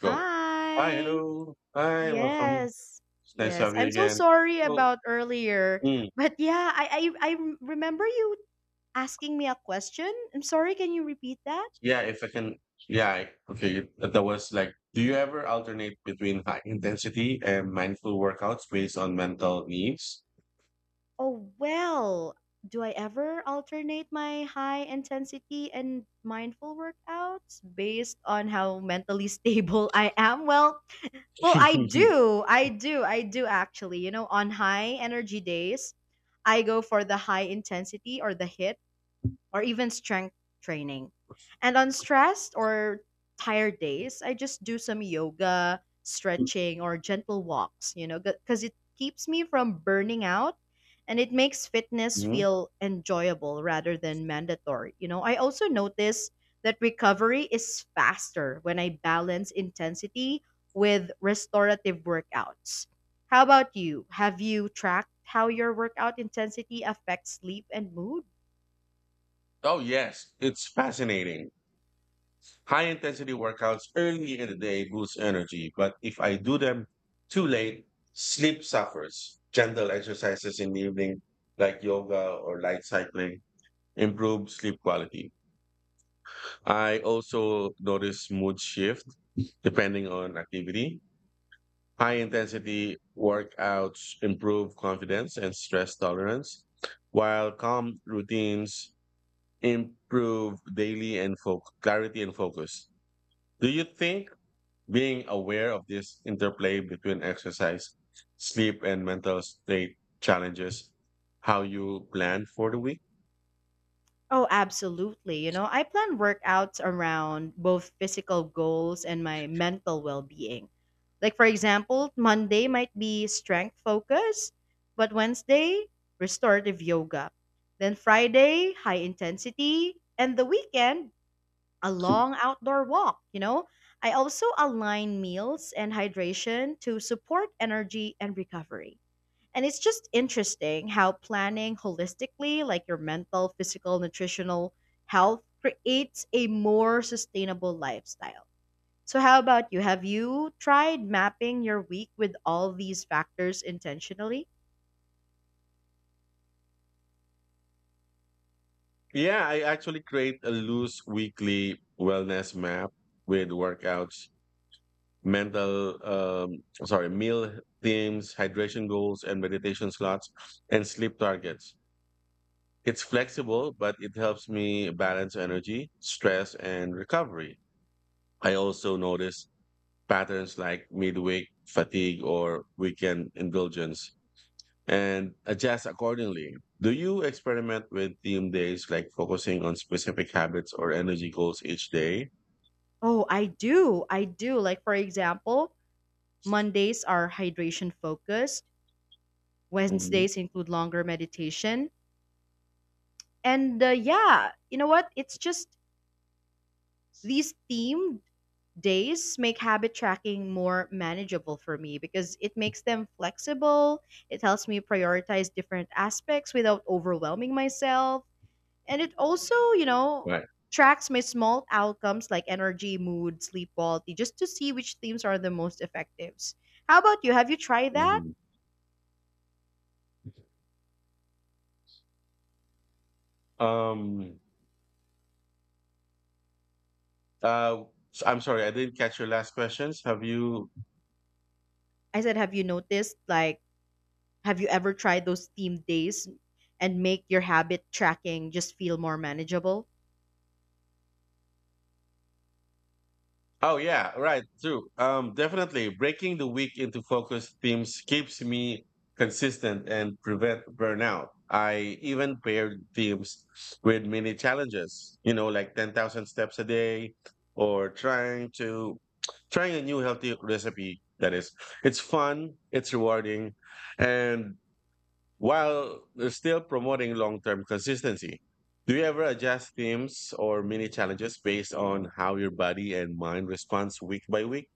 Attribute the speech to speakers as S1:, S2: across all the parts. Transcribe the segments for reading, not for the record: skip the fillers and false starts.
S1: Go. Hi,
S2: Hi.
S1: hello. Hi, welcome.
S2: Yes.
S1: It's nice to
S2: Yes.
S1: have you
S2: I'm so
S1: again.
S2: sorry
S1: So,
S2: about earlier.
S1: mm,
S2: But yeah, I remember you asking me a question. I'm sorry, can you repeat that?
S1: yeah, if I can, okay. That was like, do you ever alternate between high intensity and mindful workouts based on mental needs?
S2: Oh, well, do I ever alternate my high intensity and mindful workouts based on how mentally stable I am? Well, I do. I do. I do actually. On high energy days, I go for the high intensity or the hit or even strength training. And on stressed or tired days, I just do some yoga, stretching, or gentle walks, because it keeps me from burning out and it makes fitness
S1: Mhm.
S2: feel enjoyable rather than mandatory. I also notice that recovery is faster when I balance intensity with restorative workouts. How about you? Have you tracked how your workout intensity affects sleep and mood?
S1: Oh, yes, it's fascinating. High intensity workouts early in the day boost energy, but if I do them too late, sleep suffers. Gentle exercises in the evening, like yoga or light cycling improve sleep quality. I also notice mood shift depending on activity. High intensity workouts improve confidence and stress tolerance, while calm routines improve clarity and focus. Do you think being aware of this interplay between exercise, sleep, and mental state challenges how you plan for the week?
S2: Oh, absolutely. I plan workouts around both physical goals and my mental well being. Like, for example, Monday might be strength focus, but Wednesday, restorative yoga. Then Friday, high intensity. And the weekend, a long outdoor walk. I also align meals and hydration to support energy and recovery. And it's just interesting how planning holistically, like your mental, physical, nutritional health, creates a more sustainable lifestyle. So, how about you? Have you tried mapping your week with all these factors intentionally?
S1: Yeah, I actually create a loose weekly wellness map with workouts, mental, um, meal themes, hydration goals, and meditation slots, and sleep targets. It's flexible, but it helps me balance energy, stress, and recovery. I also notice patterns like midweek fatigue or weekend indulgence, and adjust accordingly. Do you experiment with theme days, like focusing on specific habits or energy goals each day?
S2: Oh, I do. I do. Like, for example, Mondays are hydration focused,
S1: Mhm.
S2: Wednesdays include longer meditation. And yeah. you know what? It's just these themed days make habit tracking more manageable for me because it makes them flexible, it helps me prioritize different aspects without overwhelming myself, and it also,
S1: Right.
S2: tracks my small outcomes like energy, mood, sleep quality just to see which themes are the most effective. How about you? Have you tried that?
S1: Mhm. Um. Uh. I'm sorry, I didn't catch your last questions. Have you
S2: I said, have you noticed like have you ever tried those theme days and make your habit tracking just feel more manageable?
S1: oh yeah, right. True. Definitely breaking the week into focused themes keeps me consistent and prevent burnout. I even paired themes with mini challenges, you know, like 10,000 steps a day or trying a new healthy recipe that is. It's fun, it's rewarding, and while still promoting long term consistency. Do you ever adjust themes or mini challenges based on how your body and mind responds week by week?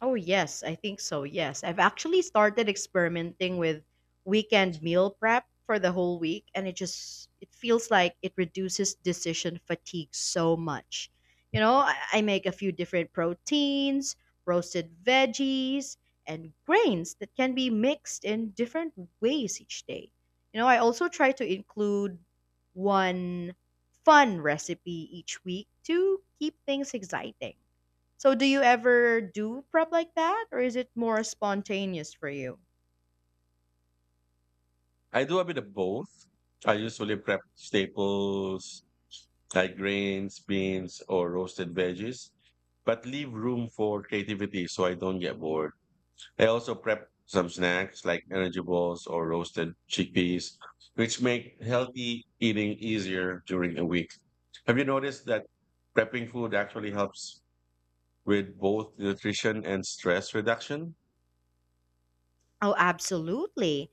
S2: Oh, yes, I think so. Yes. I've actually started experimenting with weekend meal prep for the whole week and it feels like it reduces decision fatigue so much. I make a few different proteins, roasted veggies, and grains that can be mixed in different ways each day. I also try to include one fun recipe each week to keep things exciting. So do you ever do prep like that or is it more spontaneous for you?
S1: I do a bit of both. I usually prep staples like grains, beans, or roasted veggies, but leave room for creativity so I don't get bored. I also prep some snacks like energy balls or roasted chickpeas, which make healthy eating easier during a week. Have you noticed that prepping food actually helps with both nutrition and stress reduction?
S2: Oh, absolutely.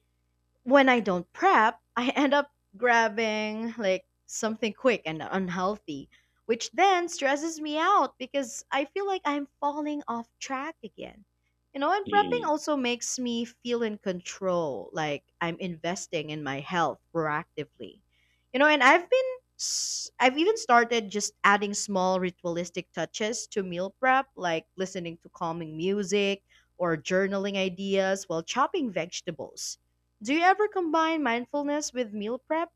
S2: When I don't prep, I end up grabbing like something quick and unhealthy, which then stresses me out because I feel like I'm falling off track again. And prepping
S1: Mm.
S2: also makes me feel in control, like I'm investing in my health proactively. And I've even started just adding small ritualistic touches to meal prep, like listening to calming music or journaling ideas while chopping vegetables. Do you ever combine mindfulness with meal prep?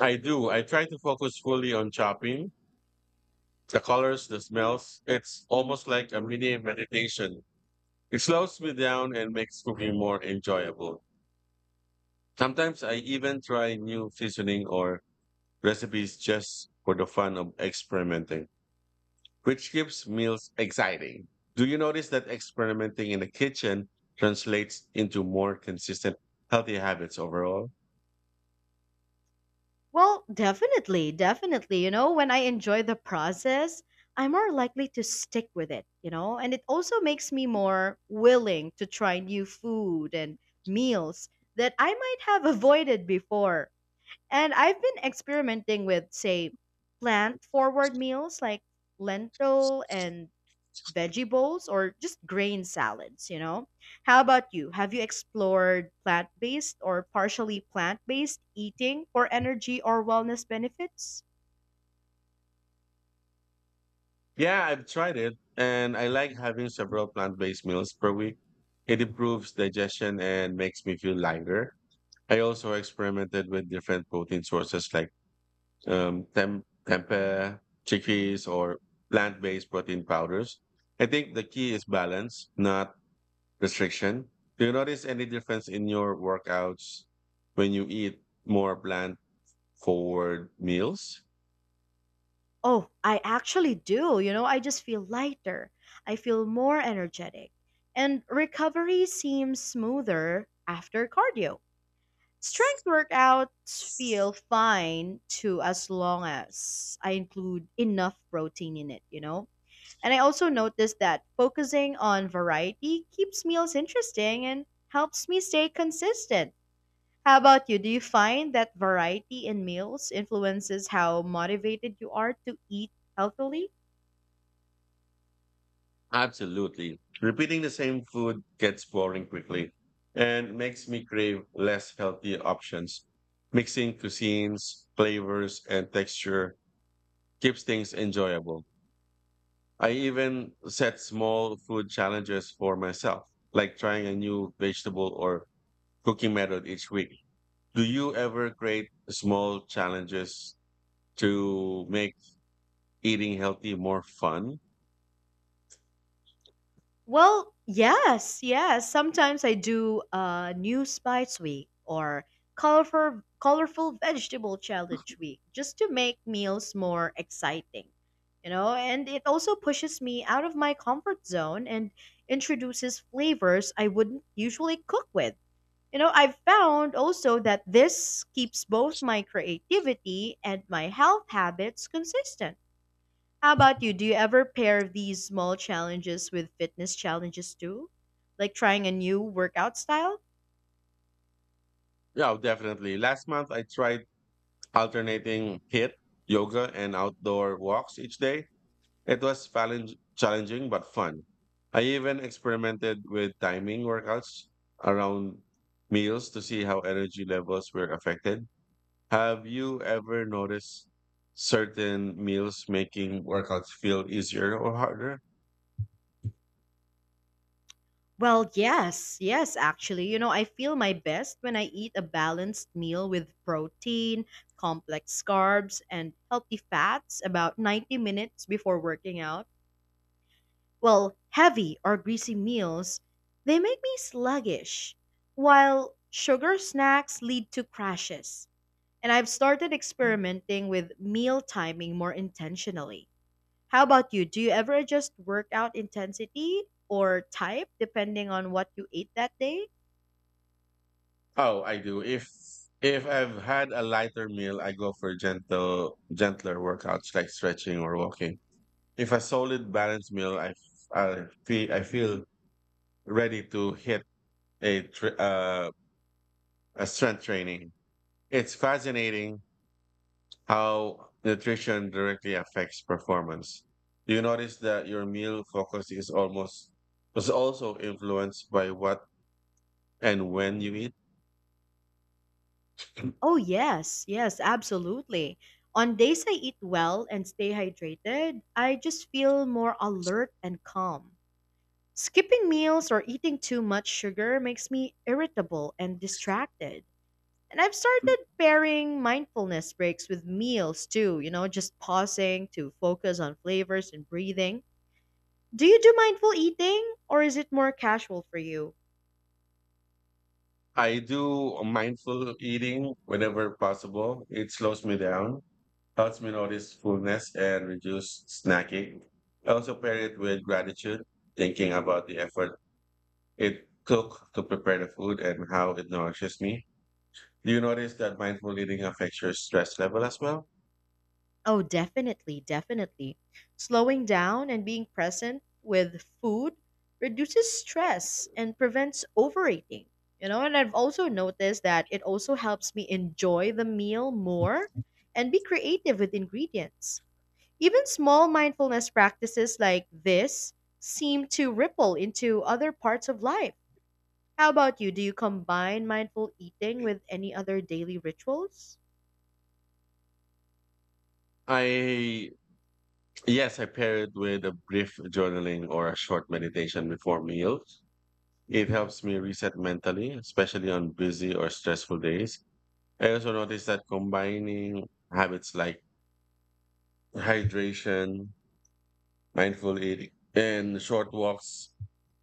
S1: I do. I try to focus fully on chopping, the colors, the smells. It's almost like a mini meditation. It slows me down and makes cooking more enjoyable. Sometimes I even try new seasoning or recipes just for the fun of experimenting, which keeps meals exciting. Do you notice that experimenting in the kitchen translates into more consistent, healthy habits overall?
S2: Well, definitely, definitely. When I enjoy the process, I'm more likely to stick with it, and it also makes me more willing to try new food and meals that I might have avoided before. And I've been experimenting with, say, plant forward meals like lentil and veggie bowls or just grain salads, you know? How about you? Have you explored plant based or partially plant based eating for energy or wellness benefits?
S1: Yeah, I've tried it, and I like having several plant based meals per week. It improves digestion and makes me feel lighter. I also experimented with different protein sources like um, tem- tempeh, chickpeas, or plant based protein powders. I think the key is balance, not restriction. Do you notice any difference in your workouts when you eat more plant forward meals?
S2: Oh, I actually do. I just feel lighter. I feel more energetic. And recovery seems smoother after cardio. Strength workouts feel fine too as long as I include enough protein in it, you know? And I also noticed that focusing on variety keeps meals interesting and helps me stay consistent. How about you? Do you find that variety in meals influences how motivated you are to eat healthily?
S1: Absolutely. Repeating the same food gets boring quickly and makes me crave less healthy options. Mixing cuisines, flavors, and texture keeps things enjoyable. I even set small food challenges for myself, like trying a new vegetable or cooking method each week. Do you ever create small challenges to make eating healthy more fun?
S2: Well, yes, yes. Sometimes I do new spice week or colorful vegetable challenge week just to make meals more exciting. And it also pushes me out of my comfort zone and introduces flavors I wouldn't usually cook with. I've found also that this keeps both my creativity and my health habits consistent. How about you? Do you ever pair these small challenges with fitness challenges too? Like trying a new workout style?
S1: Yeah, definitely. Last month, I tried alternating HIIT, yoga, and outdoor walks each day. It was challenging but fun. I even experimented with timing workouts around meals to see how energy levels were affected. Have you ever noticed certain meals making workouts feel easier or harder?
S2: Well, yes, yes, actually. I feel my best when I eat a balanced meal with protein, complex carbs, and healthy fats about 90 minutes before working out. Well, heavy or greasy meals, they make me sluggish, while sugar snacks lead to crashes. And I've started experimenting with meal timing more intentionally. How about you? Do you ever adjust workout intensity or type depending on what you ate that day?
S1: Oh, I do. If I've had a lighter meal, I go for gentler workouts like stretching or walking. If a solid balanced meal, I feel ready to hit a tri- uh strength training. It's fascinating how nutrition directly affects performance. Do you notice that your meal focus is almost was also influenced by what and when you eat?
S2: Oh, yes, yes, absolutely. On days I eat well and stay hydrated, I just feel more alert and calm. Skipping meals or eating too much sugar makes me irritable and distracted. And I've started pairing mindfulness breaks with meals too, just pausing to focus on flavors and breathing. Do you do mindful eating or is it more casual for you?
S1: I do mindful eating whenever possible. It slows me down, helps me notice fullness and reduce snacking. I also pair it with gratitude, thinking about the effort it took to prepare the food and how it nourishes me. Do you notice that mindful eating affects your stress level as well?
S2: Oh, definitely, definitely. Slowing down and being present with food reduces stress and prevents overeating. And I've also noticed that it also helps me enjoy the meal more and be creative with ingredients. Even small mindfulness practices like this seem to ripple into other parts of life. How about you? Do you combine mindful eating with any other daily rituals?
S1: I Yes, I pair it with a brief journaling or a short meditation before meals. It helps me reset mentally, especially on busy or stressful days. I also notice that combining habits like hydration, mindful eating and short walks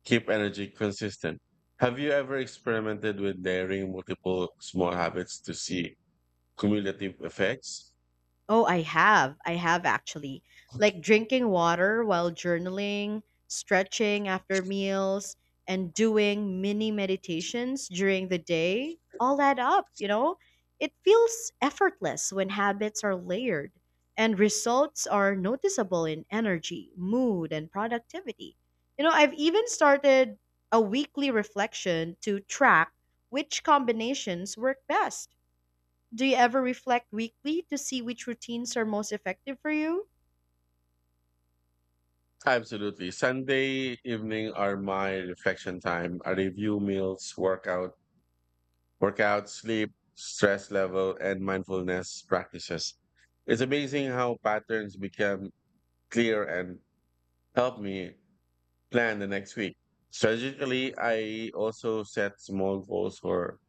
S1: keep energy consistent. Have you ever experimented with layering multiple small habits to see cumulative effects?
S2: Oh, I have. I have actually. Like drinking water while journaling, stretching after meals, and doing mini meditations during the day all add up, you know? It feels effortless when habits are layered and results are noticeable in energy, mood, and productivity. I've even started a weekly reflection to track which combinations work best. Do you ever reflect weekly to see which routines are most effective for you?
S1: Absolutely. Sunday evening are my reflection time. I review meals, workout, sleep, stress level, and mindfulness practices. It's amazing how patterns become clear and help me plan the next week. Strategically, I also set small goals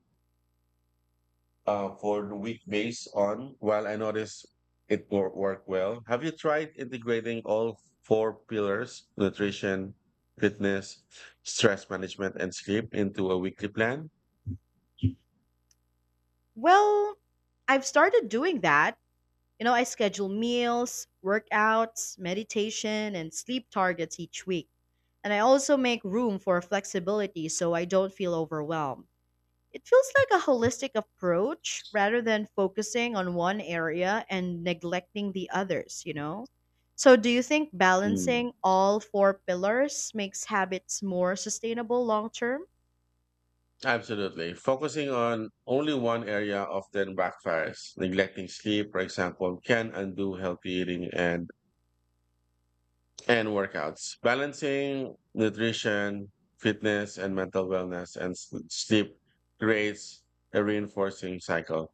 S1: for the week based on, while I notice work well. Have you tried integrating all four pillars, nutrition, fitness, stress management, and sleep into a weekly plan?
S2: Well, I've started doing that. I schedule meals, workouts, meditation, and sleep targets each week. And I also make room for flexibility so I don't feel overwhelmed. It feels like a holistic approach rather than focusing on one area and neglecting the others, you know? So, do you think
S1: Mm.
S2: balancing all four pillars makes habits more sustainable long term?
S1: Absolutely. Focusing on only one area often backfires. Neglecting sleep, for example, can undo healthy eating and workouts, balancing nutrition, fitness, and mental wellness sleep creates a reinforcing cycle.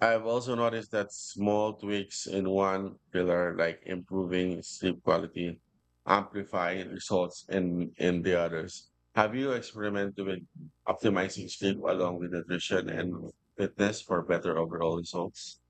S1: I've also noticed that small tweaks in one pillar, like improving sleep quality, amplify results in the others. Have you experimented with optimizing sleep along with nutrition and fitness for better overall results?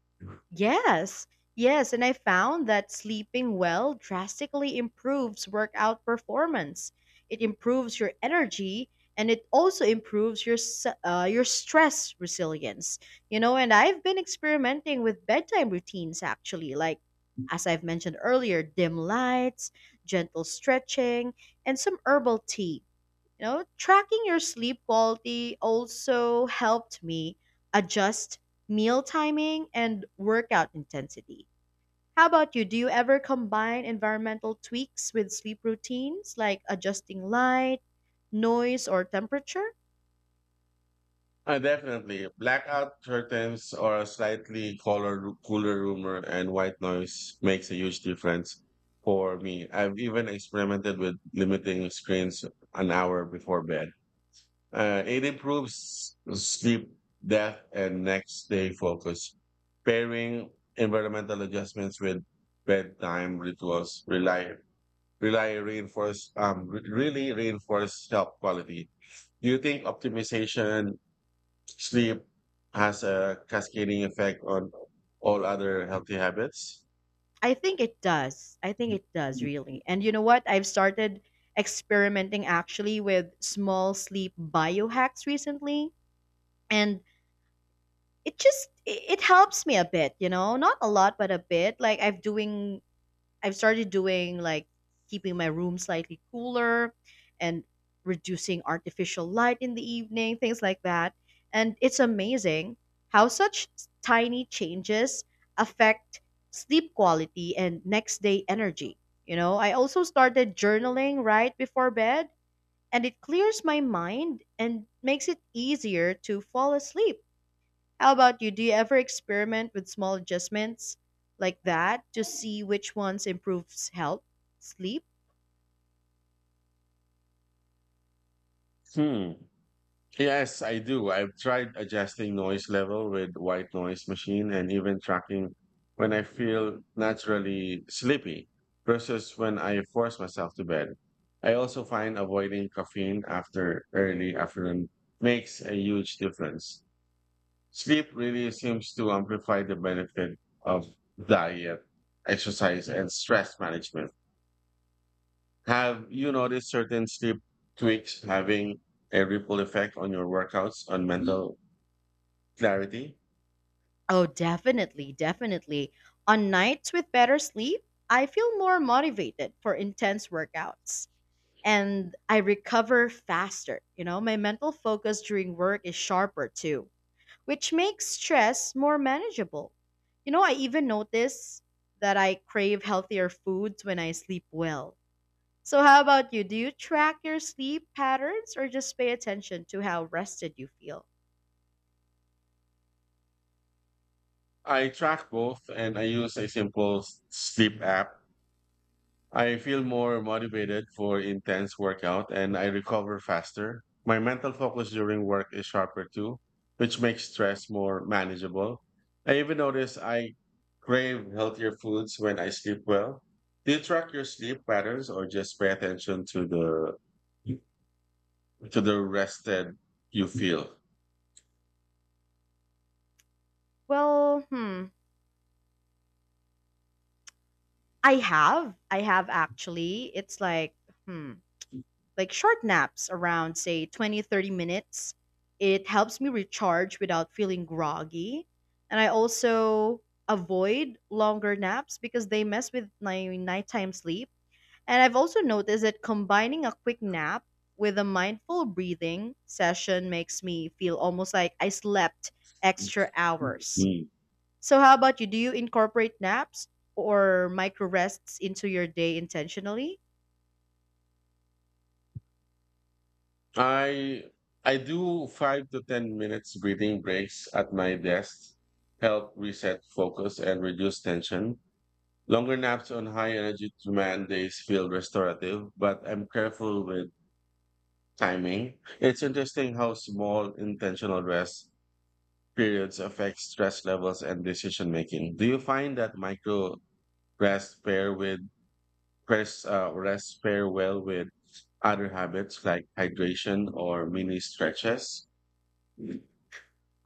S2: Yes, yes, and I found that sleeping well drastically improves workout performance. It improves your energy and it also improves your stress resilience. And I've been experimenting with bedtime routines actually, like as I've mentioned earlier, dim lights, gentle stretching, and some herbal tea. Tracking your sleep quality also helped me adjust meal timing and workout intensity. How about you? Do you ever combine environmental tweaks with sleep routines, like adjusting light, noise, or temperature?
S1: Definitely. Blackout curtains or a cooler room and white noise makes a huge difference for me. I've even experimented with limiting screens an hour before bed. It improves sleep depth and next day focus. Pairing environmental adjustments with bedtime rituals rely rely reinforce really reinforce health quality. Do you think optimization sleep has a cascading effect on all other healthy habits.
S2: I think it does. I think it does, really. And you know what? I've started experimenting actually with small sleep biohacks recently. And it just it it helps me a bit, not a lot but a bit. Like, I've started doing, like, keeping my room slightly cooler and reducing artificial light in the evening, things like that. And it's amazing how such tiny changes affect sleep quality and next day energy. I also started journaling right before bed, and it clears my mind and makes it easier to fall asleep. How about you? Do you ever experiment with small adjustments like that to see which ones improves health, sleep?
S1: Hmm. Yes, I do. I've tried adjusting noise level with white noise machine and even tracking when I feel naturally sleepy versus when I force myself to bed. I also find avoiding caffeine after early afternoon makes a huge difference. Sleep really seems to amplify the benefit of diet, exercise, and stress management. Have you noticed certain sleep tweaks having a ripple effect on your workouts on mental clarity?
S2: Oh, definitely, definitely. On nights with better sleep, I feel more motivated for intense workouts and I recover faster. My mental focus during work is sharper too, which makes stress more manageable. I even notice that I crave healthier foods when I sleep well. So, how about you? Do you track your sleep patterns or just pay attention to how rested you feel?
S1: I track both and I use a sleep app. I feel more motivated for intense workout and I recover faster. My mental focus during work is sharper too, which makes stress more manageable. I even notice I crave healthier foods when I sleep well. Do you track your sleep patterns or just pay attention to the rested you feel.
S2: Well, hmm. I have. I have actually. It's like, hmm, like short naps around, say, 20, 30 minutes. It helps me recharge without feeling groggy. And I also avoid longer naps because they mess with my nighttime sleep. And I've also noticed that combining a quick nap with a mindful breathing session makes me feel almost like I slept extra hours.
S1: Mm.
S2: So, how about you? Do you incorporate naps or micro rests into your day intentionally?
S1: I I do 5 to 10 minutes breathing breaks at my desk, help reset focus and reduce tension. Longer naps on high energy demand days feel restorative, but I'm careful with timing. It's interesting how small intentional rest periods affect stress levels and decision making. Do you find that micro rest pair with press rest pair well with other habits like hydration or mini stretches?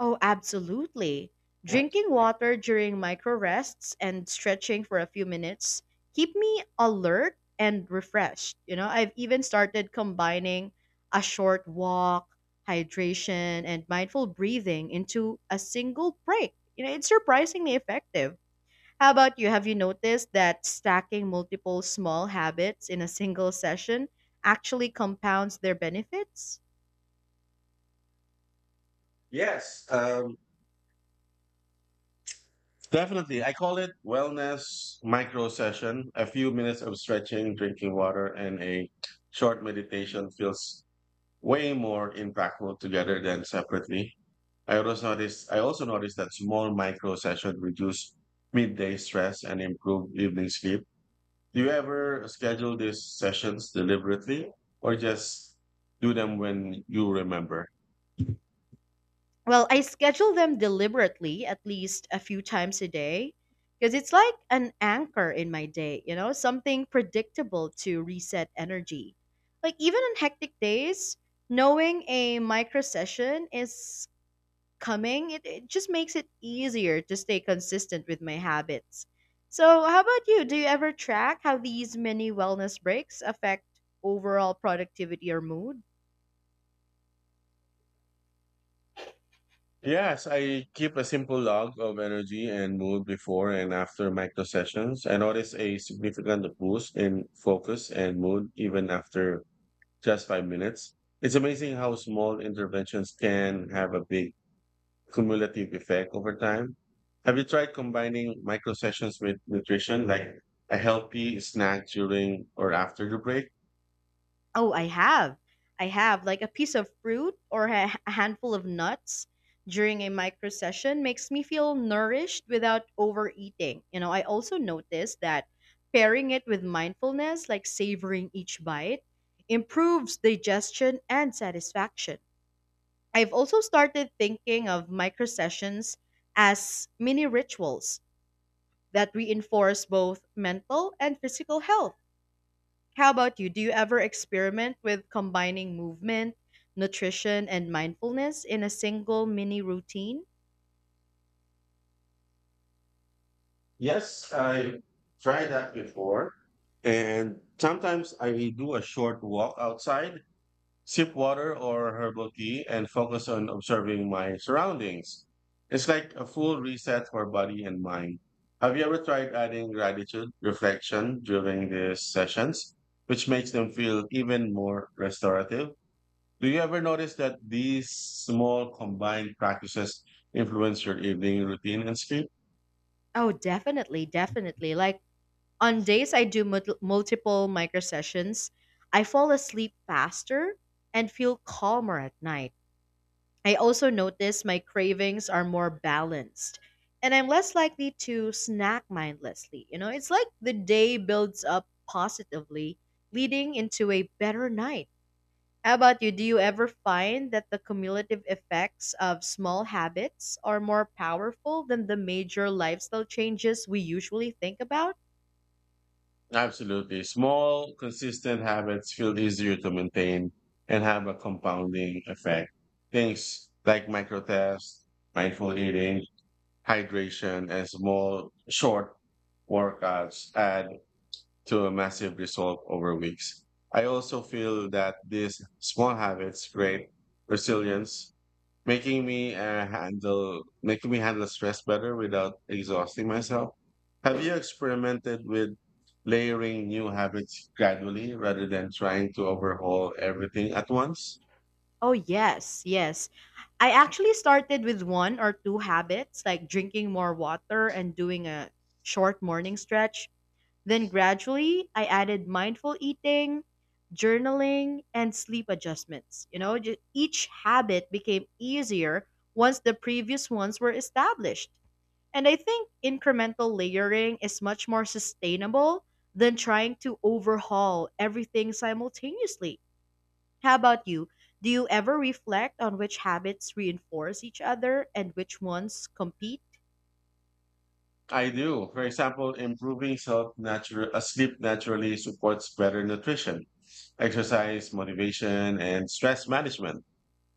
S2: Oh, absolutely. Drinking water during micro rests and stretching for a few minutes keep me alert and refreshed. I've even started combining a short walk, hydration, and mindful breathing into a single break. It's surprisingly effective. How about you? Have you noticed that stacking multiple small habits in a single session actually compounds their benefits?
S1: Yes, definitely. I call it wellness micro session. A few minutes of stretching, drinking water, and a short meditation feels way more impactful together than separately. I also noticed that small micro session reduce midday stress and improve evening sleep. Do you ever schedule these sessions deliberately, or just do them when you remember?
S2: Well, I schedule them deliberately at least a few times a day because it's like an anchor in my day, something predictable to reset energy. Like even on hectic days, knowing a micro session is coming, it just makes it easier to stay consistent with my habits. So, how about you? Do you ever track how these mini wellness breaks affect overall productivity or mood?
S1: Yes, I keep a simple log of energy and mood before and after micro sessions. I notice a significant boost in focus and mood even after just 5 minutes. It's amazing how small interventions can have a big cumulative effect over time. Have you tried combining micro sessions with nutrition, like a healthy snack during or after the break?
S2: Oh, I have. I have. Like a piece of fruit or a handful of nuts during a micro session makes me feel nourished without overeating. You know, I also noticed that pairing it with mindfulness, like savoring each bite, improves digestion and satisfaction. I've also started thinking of micro sessions as mini rituals that reinforce both mental and physical health. How about you? Do you ever experiment with combining movement, nutrition, and mindfulness in a single mini routine?
S1: Yes, I tried that before. And sometimes I do a short walk outside sip water or herbal tea, and focus on observing my surroundings. It's like a full reset for body and mind. Have you ever tried adding gratitude reflection during these sessions, which makes them feel even more restorative? Do you ever notice that these small combined practices influence your evening routine and sleep?
S2: Oh, definitely, definitely. Like on days I do multiple micro sessions, I fall asleep faster and feel calmer at night. I also notice my cravings are more balanced and I'm less likely to snack mindlessly. You know, it's like the day builds up positively, leading into a better night. How about you? Do you ever find that the cumulative effects of small habits are more powerful than the major lifestyle changes we usually think about?
S1: Absolutely. Small, consistent habits feel easier to maintain and have a compounding effect. Things like microtests, mindful eating, hydration, and small, short workouts add to a massive result over weeks. I also feel that these small habits create resilience, making me handle making me handle stress better without exhausting myself. Have you experimented with layering new habits gradually rather than trying to overhaul everything at once?
S2: Oh, yes, yes. I actually started with one or two habits, like drinking more water and doing a short morning stretch. Then gradually, I added mindful eating, journaling, and sleep adjustments. You know, each habit became easier once the previous ones were established. And I think incremental layering is much more sustainable than trying to overhaul everything simultaneously. How about you? Do you ever reflect on which habits reinforce each other and which ones compete?
S1: I do. For example, improving self natural sleep naturally supports better nutrition, exercise, motivation, and stress management.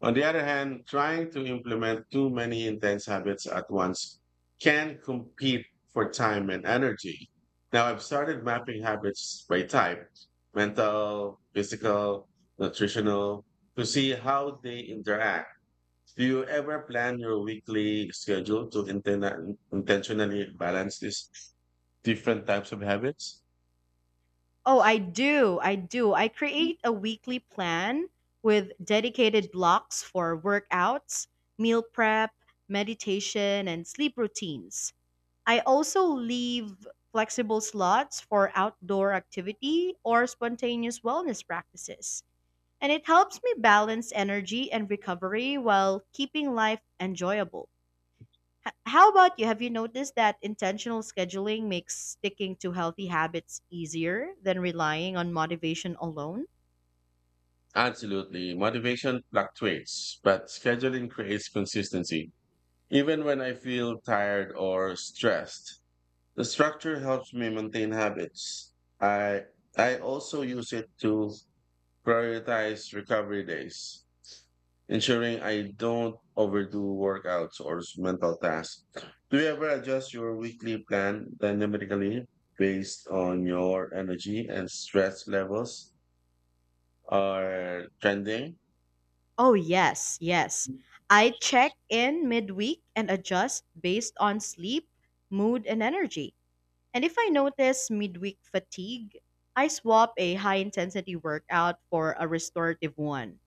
S1: On the other hand, trying to implement too many intense habits at once can compete for time and energy. Now, I've started mapping habits by type mental, physical, nutritional to see how they interact. Do you ever plan your weekly schedule to intentionally balance these different types of habits?
S2: Oh, I do. I do. I create a weekly plan with dedicated blocks for workouts, meal prep, meditation, and sleep routines. I also leave flexible slots for outdoor activity or spontaneous wellness practices. And it helps me balance energy and recovery while keeping life enjoyable. How about you? Have you noticed that intentional scheduling makes sticking to healthy habits easier than relying on motivation alone?
S1: Absolutely. Motivation fluctuates, but scheduling creates consistency. Even when I feel tired or stressed, the structure helps me maintain habits. I I also use it to prioritize recovery days, ensuring I don't overdo workouts mental tasks. Do you ever adjust your weekly plan dynamically based on your energy and stress levels are trending?
S2: Oh, yes, yes. I check in midweek and adjust based on sleep, mood, and energy. And if I notice midweek fatigue, I swap a high intensity workout for a restorative one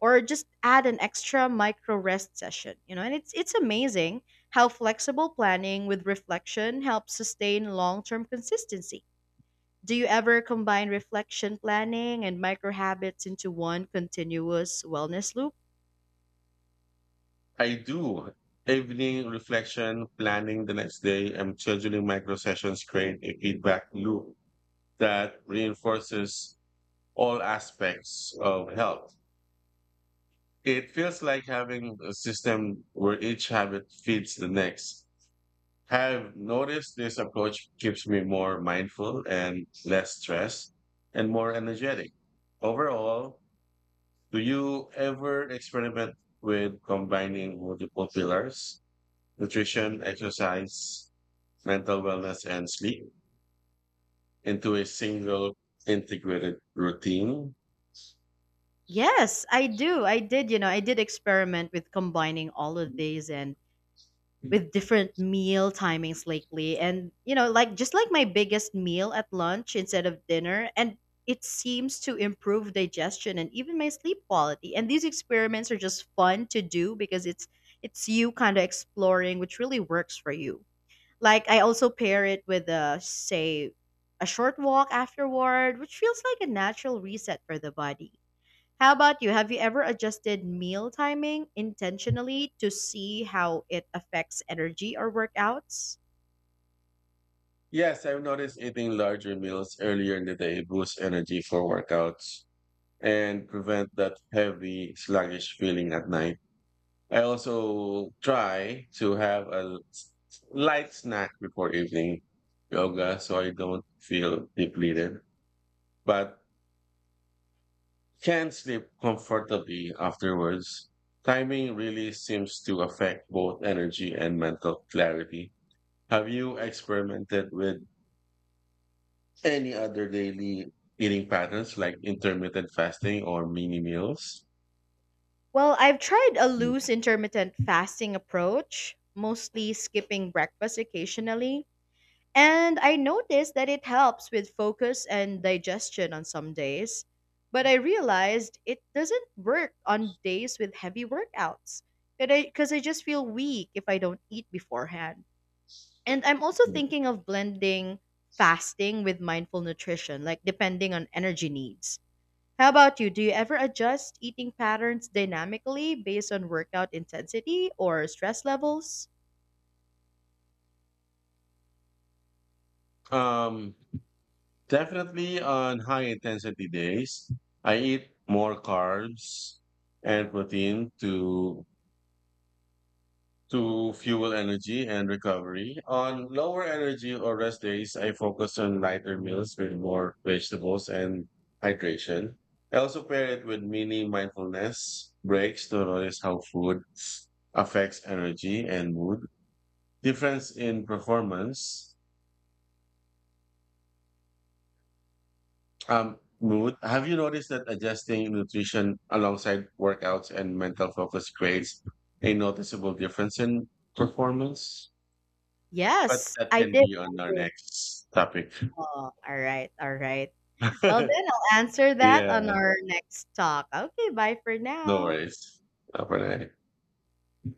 S2: or just add an extra micro rest session, you know? And it's amazing how flexible planning with reflection helps sustain long-term consistency. Do you ever combine reflection planning and micro habits into one continuous wellness loop?
S1: I do. Evening reflection, planning the next day, and scheduling micro sessions create a feedback loop that reinforces all aspects of health. It feels like having a system where each habit feeds the next. Have noticed this approach keeps me more mindful and less stressed and more energetic. Overall, do you ever experiment with combining multiple pillars? Nutrition, exercise, mental wellness, and sleep into a single integrated routine.
S2: Yes, I do. I did, you know, I did experiment with combining all of these and with different meal timings lately, and you know, like, just like my biggest meal at lunch instead of dinner, and it seems to improve digestion and even my sleep quality. And these experiments are just fun to do because it's you kind of exploring which really works for you. Like I also pair it with, a say, a short walk afterward, which feels like a natural reset for the body. How about you? Have you ever adjusted meal timing intentionally to see how it affects energy or workouts?
S1: Yes, I've noticed eating larger meals earlier in the day boosts energy for workouts and prevent that heavy, sluggish feeling at night. I also try to have light snack before evening yoga so I don't feel depleted. But can sleep comfortably afterwards. Timing really seems to affect both energy and mental clarity. Have you experimented with any other daily eating patterns like intermittent fasting or mini meals?
S2: Well, I've tried a loose intermittent fasting approach, mostly skipping breakfast occasionally, and I noticed that it helps with focus and digestion on some days. But I realized it doesn't work on days with heavy workouts because 'cause I just feel weak if I don't eat beforehand. And I'm also thinking of blending fasting with mindful nutrition, like depending on energy needs. How about you? Do you ever adjust eating patterns dynamically based on workout intensity or stress levels?
S1: Um, Definitely on high intensity days, I eat more carbs and protein to fuel energy and recovery. On lower energy or rest days, I focus on lighter meals with more vegetables and hydration. I also pair it with mini mindfulness breaks to notice how food affects energy and mood. Difference in performance, Have you noticed that adjusting nutrition alongside workouts and mental focus creates a noticeable difference in performance? But
S2: Yes,
S1: that
S2: I
S1: can
S2: did.
S1: be
S2: I
S1: on our
S2: did.
S1: next topic.
S2: Oh, all right, all right. Well, then I'll answer that on
S1: Yeah,
S2: our next talk. Okay, bye for
S1: no
S2: now.
S1: worries. Have a night.